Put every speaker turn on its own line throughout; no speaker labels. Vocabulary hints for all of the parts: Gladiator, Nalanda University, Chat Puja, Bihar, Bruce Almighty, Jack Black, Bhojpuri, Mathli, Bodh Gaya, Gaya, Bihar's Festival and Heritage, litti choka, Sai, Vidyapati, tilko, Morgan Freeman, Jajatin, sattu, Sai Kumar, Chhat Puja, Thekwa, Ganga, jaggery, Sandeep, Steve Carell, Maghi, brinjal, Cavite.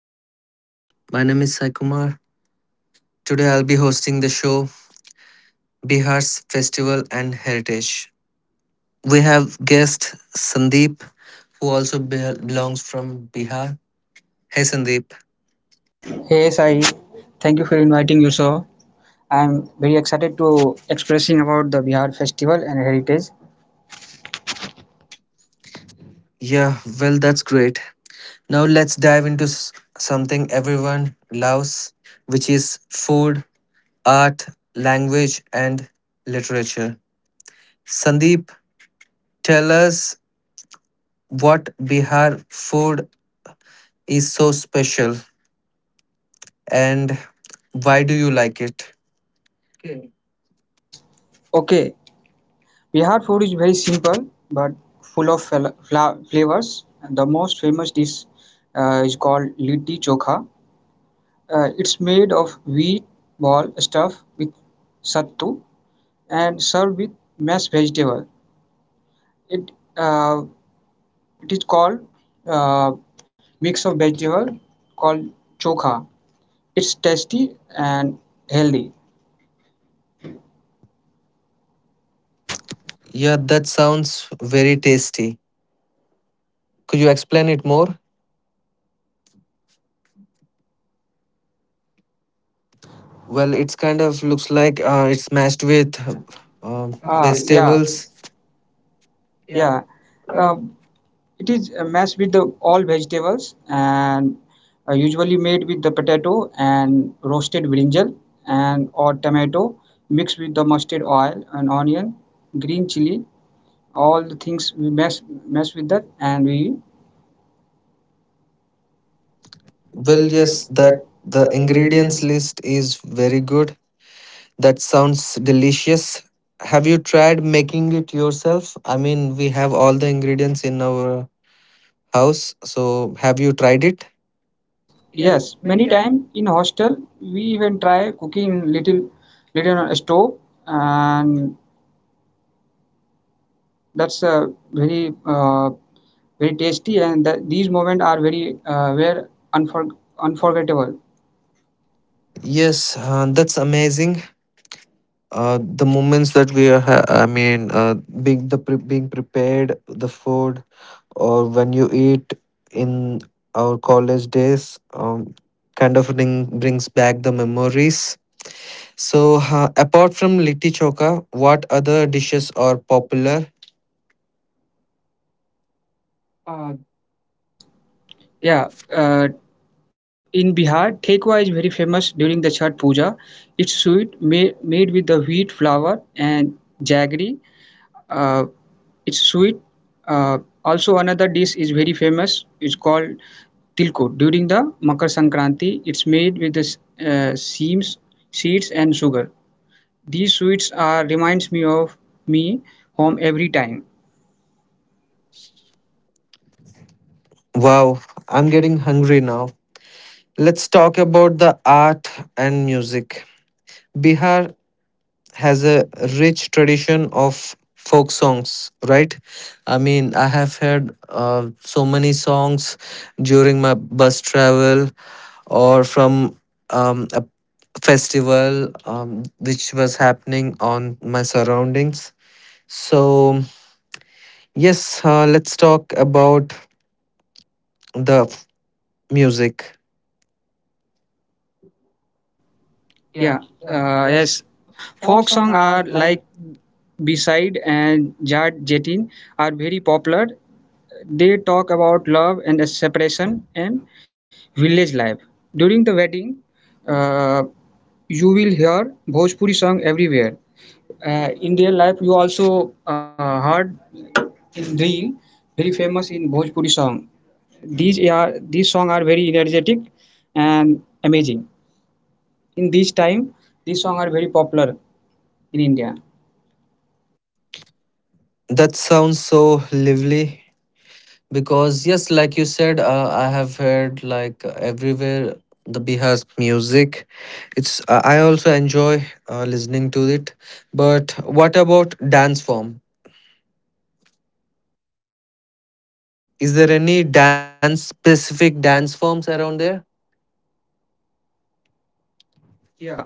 Hey everyone, my name is Sai Kumar. Today I'll be hosting the show Bihar's Festival and Heritage. We have guest Sandeep, who also belongs from Bihar. Hey Sandeep.
Hey Sai, thank you for inviting you so. I'm very excited to expressing about the Bihar festival and heritage.
Yeah, well, that's great. Now let's dive into something everyone loves, which is food, art, language, and literature. Sandeep, tell us what Bihar food is so special, and why do you like it?
Okay, Bihar food is very simple but full of flavors. The most famous dish is called litti chokha. It's made of wheat ball stuffed with sattu and served with mashed vegetable. It uh, it is called uh, mix of vegetable called chokha. It's tasty and healthy.
Yeah, that sounds very tasty. Could you explain it more? Well, it's kind of looks like it's mashed with uh,
Yeah,
vegetables.
Vegetable. Yeah. Um it is mashed with the all vegetables and usually made with the potato and roasted brinjal and or tomato mixed with the mustard oil and onion, green chili. All the things we mess with that and we
Well, yes, that
that.
the ingredients list is very good. That sounds delicious. Have you tried making it yourself? I mean, we have all the ingredients in our house, so have you tried it?
Yes, many time in hostel we even try cooking little little on a stove and that's very very tasty, and that these moments are very were unforgettable.
Yes, that's amazing. The moments that we are being the being prepared the food, or when you eat in our college days kind of brings back the memories. So apart from litti choka, what other dishes are popular?
Yeah, in Bihar, Thekwa is very famous during the Chhat Puja. It's sweet made with the wheat flour and jaggery. Uh, it's sweet. Uh, Also, another dish is very famous. It's called tilko. During the Makar Sankranti, it's made with the uh, seams, seeds, and sugar. These sweets are reminds me of me home every time.
Wow, I'm getting hungry now. Let's talk about the art and music. Bihar has a rich tradition of folk songs, right? I mean, I have heard so many songs during my bus travel, or from a festival which was happening on my surroundings. So yes, let's talk about the music.
Yeah, yes. Folk song are like Beside and Jat Jatin are very popular. They talk about love and separation and village life. During the wedding, uh, you will hear Bhojpuri song everywhere. In real life you also heard in real, very famous in bhojpuri song. These are, these song are very energetic and amazing. In this time these song are very popular in india.
That sounds so lively. Because yes, like you said, I have heard like everywhere the Bihar's music. It's I also enjoy listening to it. But what about dance form? Is there any dance specific dance forms around there?
Yeah,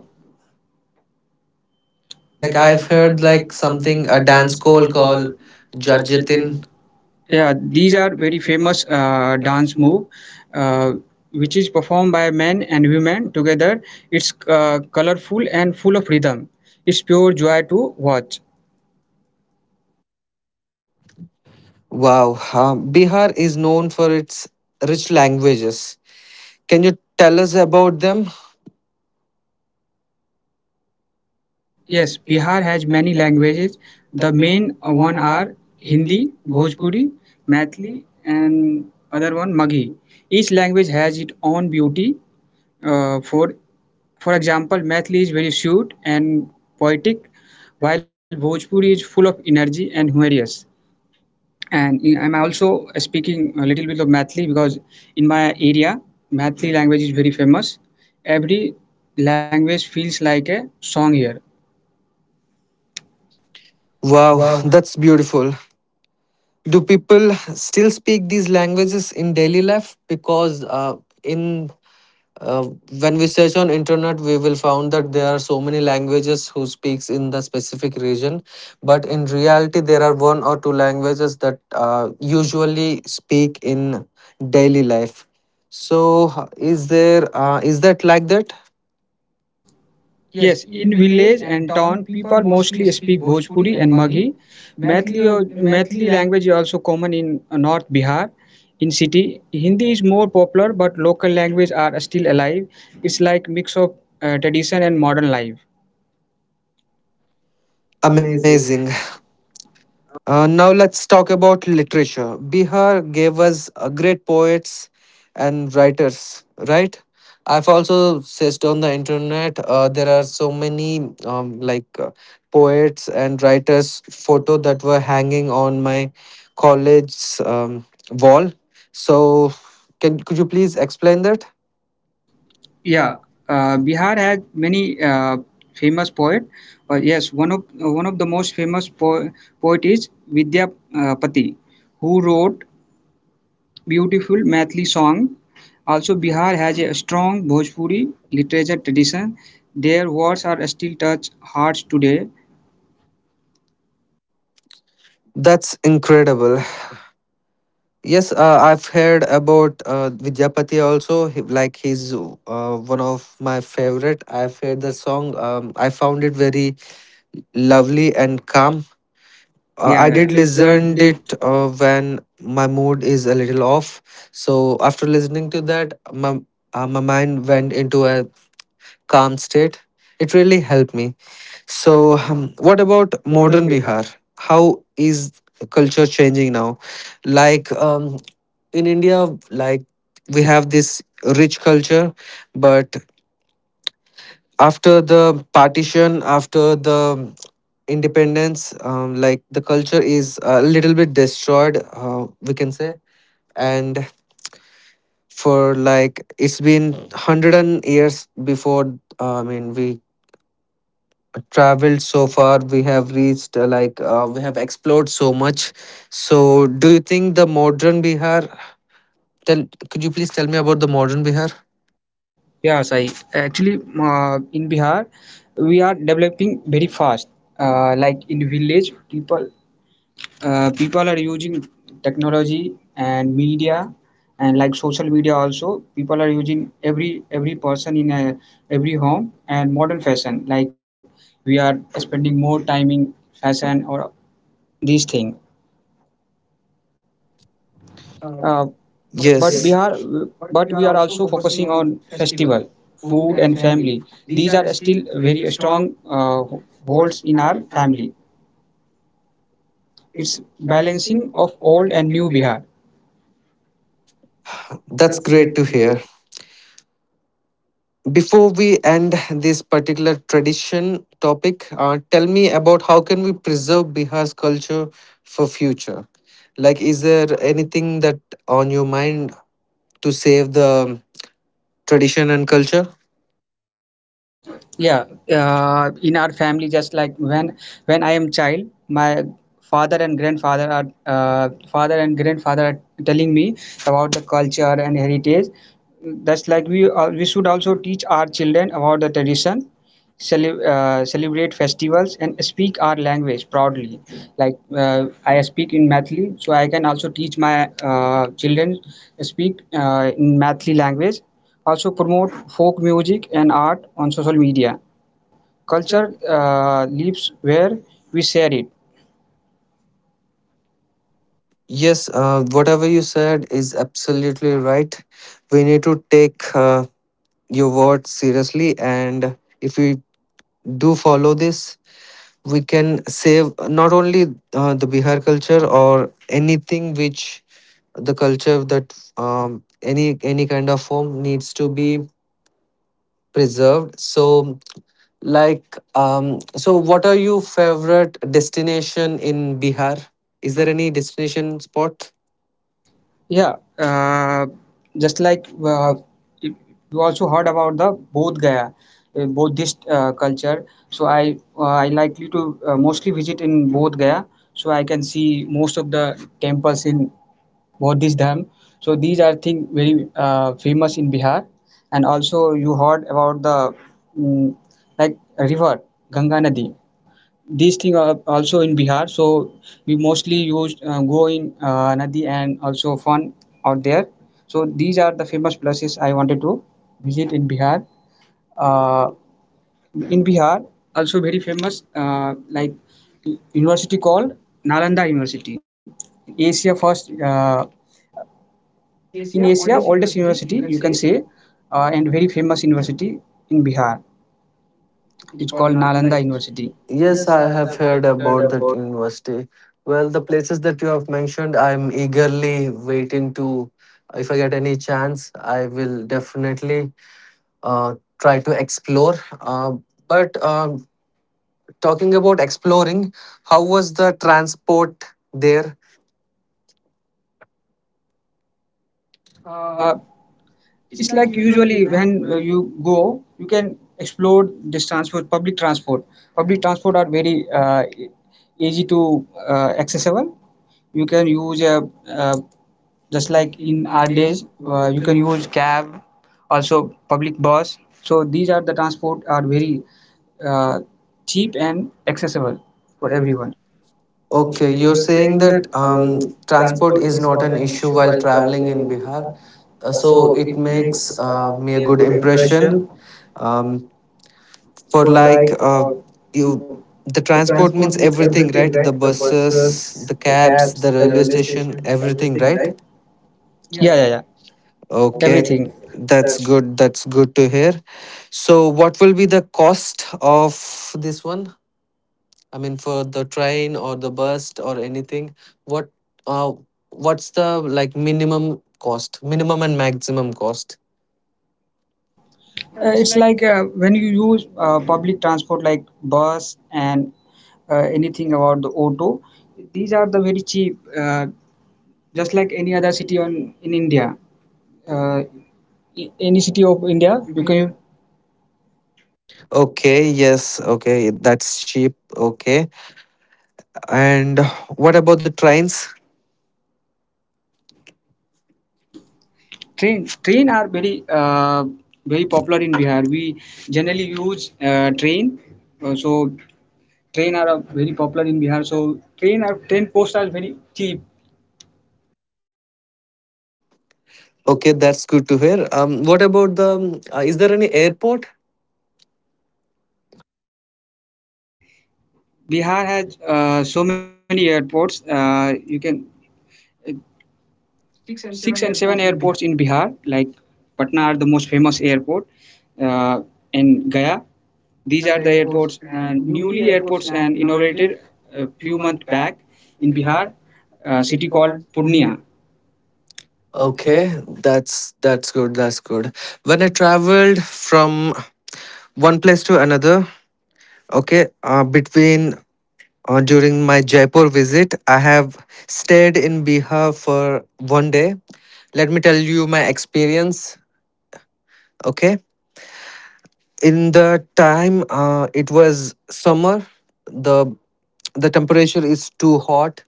Like
like
I've
I've
heard
heard
like
like
something
something
a
a
dance
dance
call called
within.
Jajatin.
Yeah, these are very famous dance move, uh, which is performed by men and women together. It's colorful and full of rhythm. It's pure joy to watch.
Wow, uh, Bihar is known for its rich languages. Can you tell us about them?
Yes, Bihar has many languages. The main one are Hindi, Bhojpuri, Maithili, and other one Maghi. Each language has its own beauty. Uh, for for example, Maithili is very sweet and poetic, while Bhojpuri is full of energy and humorous. I'm also speaking a little bit of Mathli because in my area, Mathli language is very famous. Every language feels like a song here.
Wow,
Wow.
that's beautiful. Do people still speak these languages in daily life? Because in uh, when we search on internet, we will found that there are so many languages who speaks in the specific region, but in reality, there are one or two languages that usually speak in daily life. So, is there is that like that?
Yes, in village and town, people mostly speak Bhojpuri and Maghi. Maithili language is also common in North Bihar. In city, Hindi is more popular, but local language are still alive. It's like mix of tradition and modern life. Amazing.
Amazing. Now let's talk about literature. Bihar gave us great poets and writers, right? I've also searched on the internet. There are so many poets and writers photo that were hanging on my college's wall. So, can could you please explain that?
Yeah, Bihar has many famous poet. But yes, one of the most famous poet is Vidyapati, who wrote beautiful Maithili song. Also Bihar has a strong Bhojpuri literature tradition. Their words are still touch hearts today.
That's incredible. Yes, I've heard about Vidyapati also. He, he's one of my favorite. I've heard the song. I found it very lovely and calm.
Yeah,
I
have
did listen
yeah. you
it when my mood is a little off. So after listening to that, my mind went into a calm state. It really helped me. So, what
about
about
modern
modern
Bihar?
Bihar? How is culture changing now? Like in India, like we have this rich culture, but after the partition, after the independence, like the culture is a little bit destroyed, we can say. And for like it's been 100 and years before. I mean, we traveled so far, we have reached we have explored so much. So do you think the modern Bihar, tell could you please tell me about the modern Bihar?
Yeah, Sai. Actually, in Bihar, we are developing very fast. Like in village, people are using technology and media, and like social media also people are using, every person in a, every home. And modern fashion, like we are spending more time in fashion or these thing, uh, but yes.
Yes,
Bihar, but we are also focusing on festival, food and family. These are still very strong holds in our family. It's balancing of old and new Bihar.
that's
That's
great
great
to
to
hear.
hear.
Before we end this particular tradition topic, tell me about how can we preserve Bihar's culture for future. Like is there anything that on your mind to save the tradition and culture?
Yeah, in our family, just like when I am child, my father and grandfather are telling me about the culture and heritage. That's like we should also teach our children about the tradition, celebrate festivals and speak our language proudly. Like I speak in Mathli, so I can also teach my children speak in Mathli language. Also promote folk music and art on social media. Culture lives where we share it.
Yes, whatever you said is absolutely right. We need to take your words seriously, and if we do follow this, we can save not only the Bihar culture, or anything which the culture that any kind of form needs to be preserved. So, like, so what are your favorite destination in Bihar? Is there any destination spot?
Yeah, just like you also heard about the Bodh Gaya, Buddhist culture. So I likely to mostly visit in Bodh Gaya, so I can see most of the temples in Buddhist dham. So these are thing very famous in Bihar. And also you heard about the like river Ganga Nadi. These things are also in Bihar. So we mostly use, go in Nadi and also fun out there. So these are the famous places I wanted to visit in Bihar. Uh, in Bihar, also very famous, like university called Nalanda University. Asia first, in Asia oldest university you can say, and very famous university in Bihar. It's called Nalanda University.
Yes,
Yes,
I
I
have
have
heard
heard about.
about that university. Well, the places that you have mentioned, I'm eagerly waiting to, if I get any chance, I will definitely try to explore. But talking about exploring, how was the transport there?
Uh, it's like usually when you go you can explore this transport public transport. Public transport are very easy to accessible. You can use a uh, just like in our days, you can use cab, also public bus. So these are the transport are very uh, cheap and accessible for everyone. Or
Okay, you're saying
saying
that
that
transport is not an issue while traveling in Bihar. So it makes me a good impression. Um, for like
like
you,
you,
the
the
transport
transport
means
means
everything,
everything,
right?
right?
The
The
buses,
buses,
the
the
cabs,
cabs,
the
the
railway
railway
station,
station,
everything,
everything,
right?
right? Yeah, yeah, yeah.
Mhm.
Okay,
Okay,
everything.
that's good, that's good to hear. So what will be the cost of this one? I mean, for the train or the bus or anything, what uh, what's the like minimum cost, minimum and maximum cost?
It's like when you use public transport like bus and anything about the auto, these are the very cheap just like any other city on in india, uh, any city of india, you can.
Okay, yes. Okay, that's cheap. Okay. And what about the trains?
Train are very very popular in Bihar. We generally use train. So train are very popular in Bihar. So train are train posts are very cheap.
Okay, that's good to hear. What about the? Is there any airport?
Bihar has so many airports. You can uh, six and seven airports in Bihar. Like Patna are the most famous airport, uh, and Gaya. These are the airports, and newly airports and inaugurated a few months back in Bihar, a city called Purnia. Okay.
Okay, that's good. That's good. When I traveled from one place to another, okay, between during my Jaipur visit, I have stayed in Bihar for one day. Let me tell you my experience. Okay, in the time, it was summer. the The temperature is too hot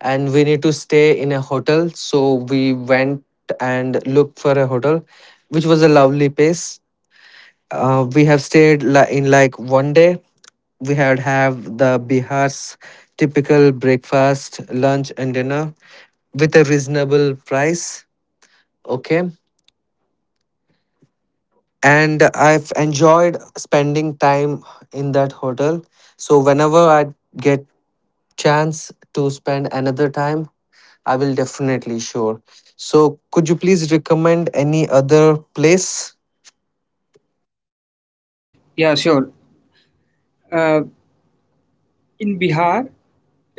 and we need to stay in a hotel. So we went and looked for a hotel, which was a lovely place. We have stayed in like one day. We had have the Bihar's typical breakfast, lunch, and dinner with a reasonable price. Okay, and I've enjoyed spending time in that hotel. So whenever I get chance to spend another time, I will definitely sure. So, could you please recommend any other place?
Yeah, sure. Uh, in Bihar,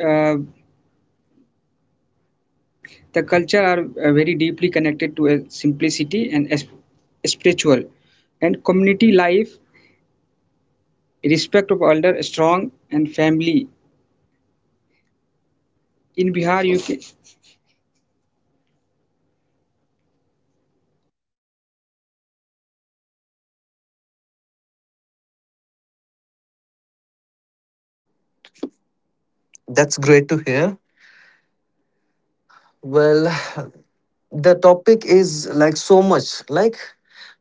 uh, the culture are very deeply connected to simplicity and spiritual, and community life, respect of elder, strong, and family. In Bihar, you can.
That's great to hear. Well, the topic is like so much. Like,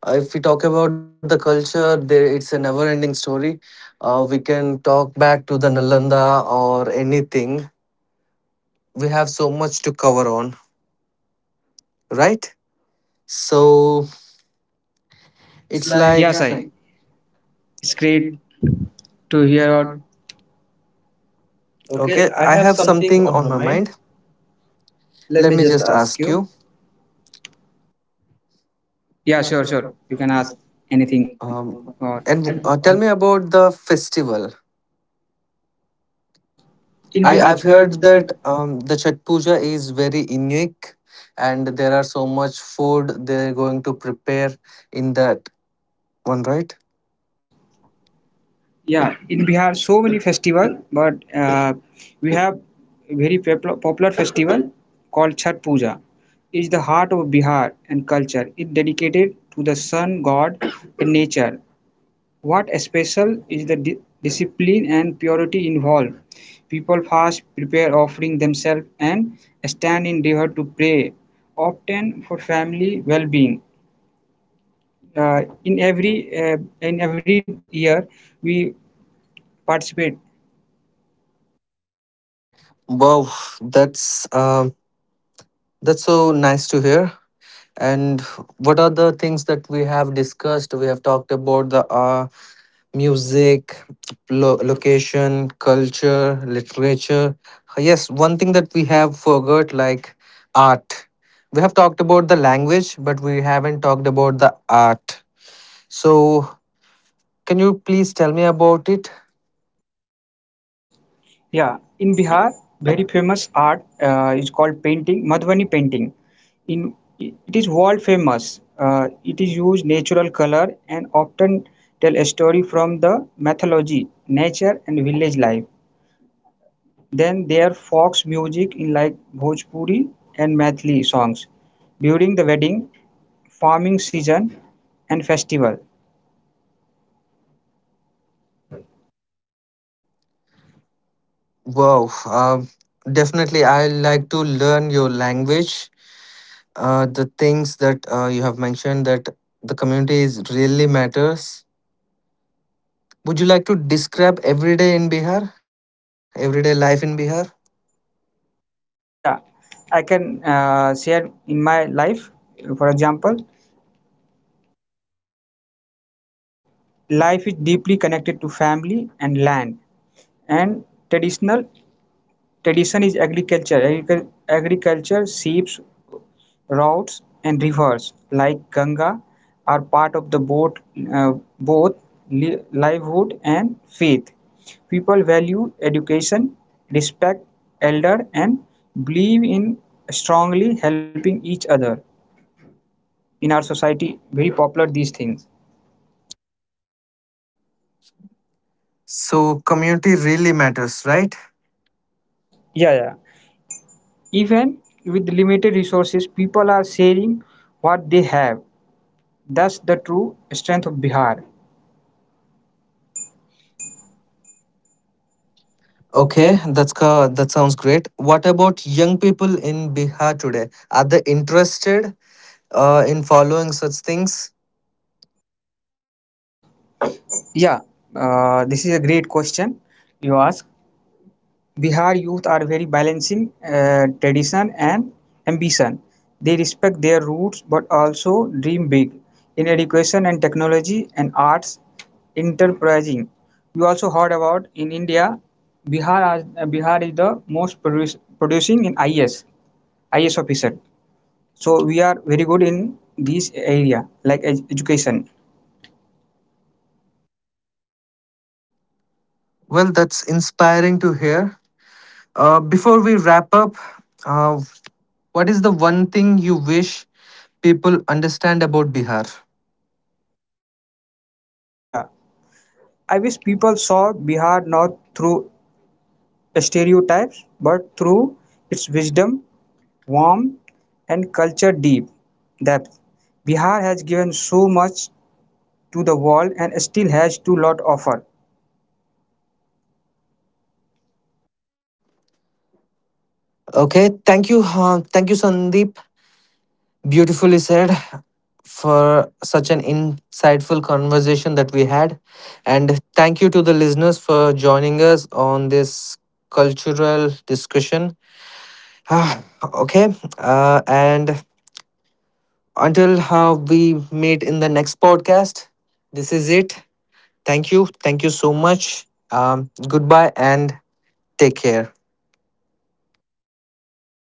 if we talk about the culture, there it's a never-ending story. We can talk back to the Nalanda or anything. We have so much to cover on, right? So
It's
it's
like
like
yes,
yes,
I.
I.
It's great to hear. Out. Okay,
Okay,
I
I
have
have
something
something
on
on
my
my
mind.
mind.
Let
Let
me
me
just
just
ask
ask
you.
you.
Yeah, sure, sure. You can ask anything.
Um,
Or and
And tell me about the festival.
In I
I,
Bihar, I've
I've
heard
heard that
that
the Chat Puja is very unique, and there are so much food they're going to prepare in that one, right?
yeah, in Bihar, so many festival, but we have very popular festival called Chhat Puja. Is the heart of Bihar and culture. It dedicated to the sun god and nature. What special is the discipline and purity involved? People fast, prepare offering themselves, and stand in river to pray, often for family well-being. In every year, we participate.
Wow, that's um, that's so nice to hear. And what are the things that we have discussed? We have talked about the music, location, culture, literature. Yes, one thing that we have forgot, like art. We have talked about the language, but we haven't talked about the art. So, can you please tell me about it?
Yeah, in Bihar, very famous art is called painting, Madhubani painting. In it is world famous. It is used natural color and often tell a story from the mythology, nature, and village life. Then there folk music in like Bhojpuri and Mathli songs during the wedding, farming season, and festival.
Wow, definitely. I like to learn your language. The things that you have mentioned that the community is really matters. Would you like to describe everyday in Bihar, everyday life in Bihar?
Yeah, I can share in my life, for example. Life is deeply connected to family and land. And traditional tradition is agriculture. Agriculture, sheep, routes, and rivers like Ganga are part of the uh, both livelihood and faith. People value education, respect elder, and believe in strongly helping each other. In our society, very popular these things.
So community really matters, right?
Yeah, yeah. Even with limited resources, people are sharing what they have. That's the true strength of Bihar. Okay.
Okay, that sounds great. What about young people in Bihar today? Are they interested in following such things?
Yeah, this is a great question you ask. Bihar youth are very balancing tradition and ambition. They respect their roots but also dream big in education and technology and arts enterprising. You also heard about in India, Bihar, Bihar is the most producing in IS, IS officer. So we are very good in this area like education.
Well, that's inspiring to hear. Before we wrap up, uh, what is the one thing you wish people understand about Bihar?
Yeah, I wish people saw Bihar not through stereotypes but through its wisdom, warmth, and culture deep depth. Bihar has given so much to the world and still has too lot offer.
Okay, thank you, Sandeep. Beautifully said, for such an insightful conversation that we had. And thank you to the listeners for joining us on this cultural discussion. Ah, okay. And until we meet in the next podcast, this is it. Thank you. Thank you so much. Goodbye and take care.
Thank you.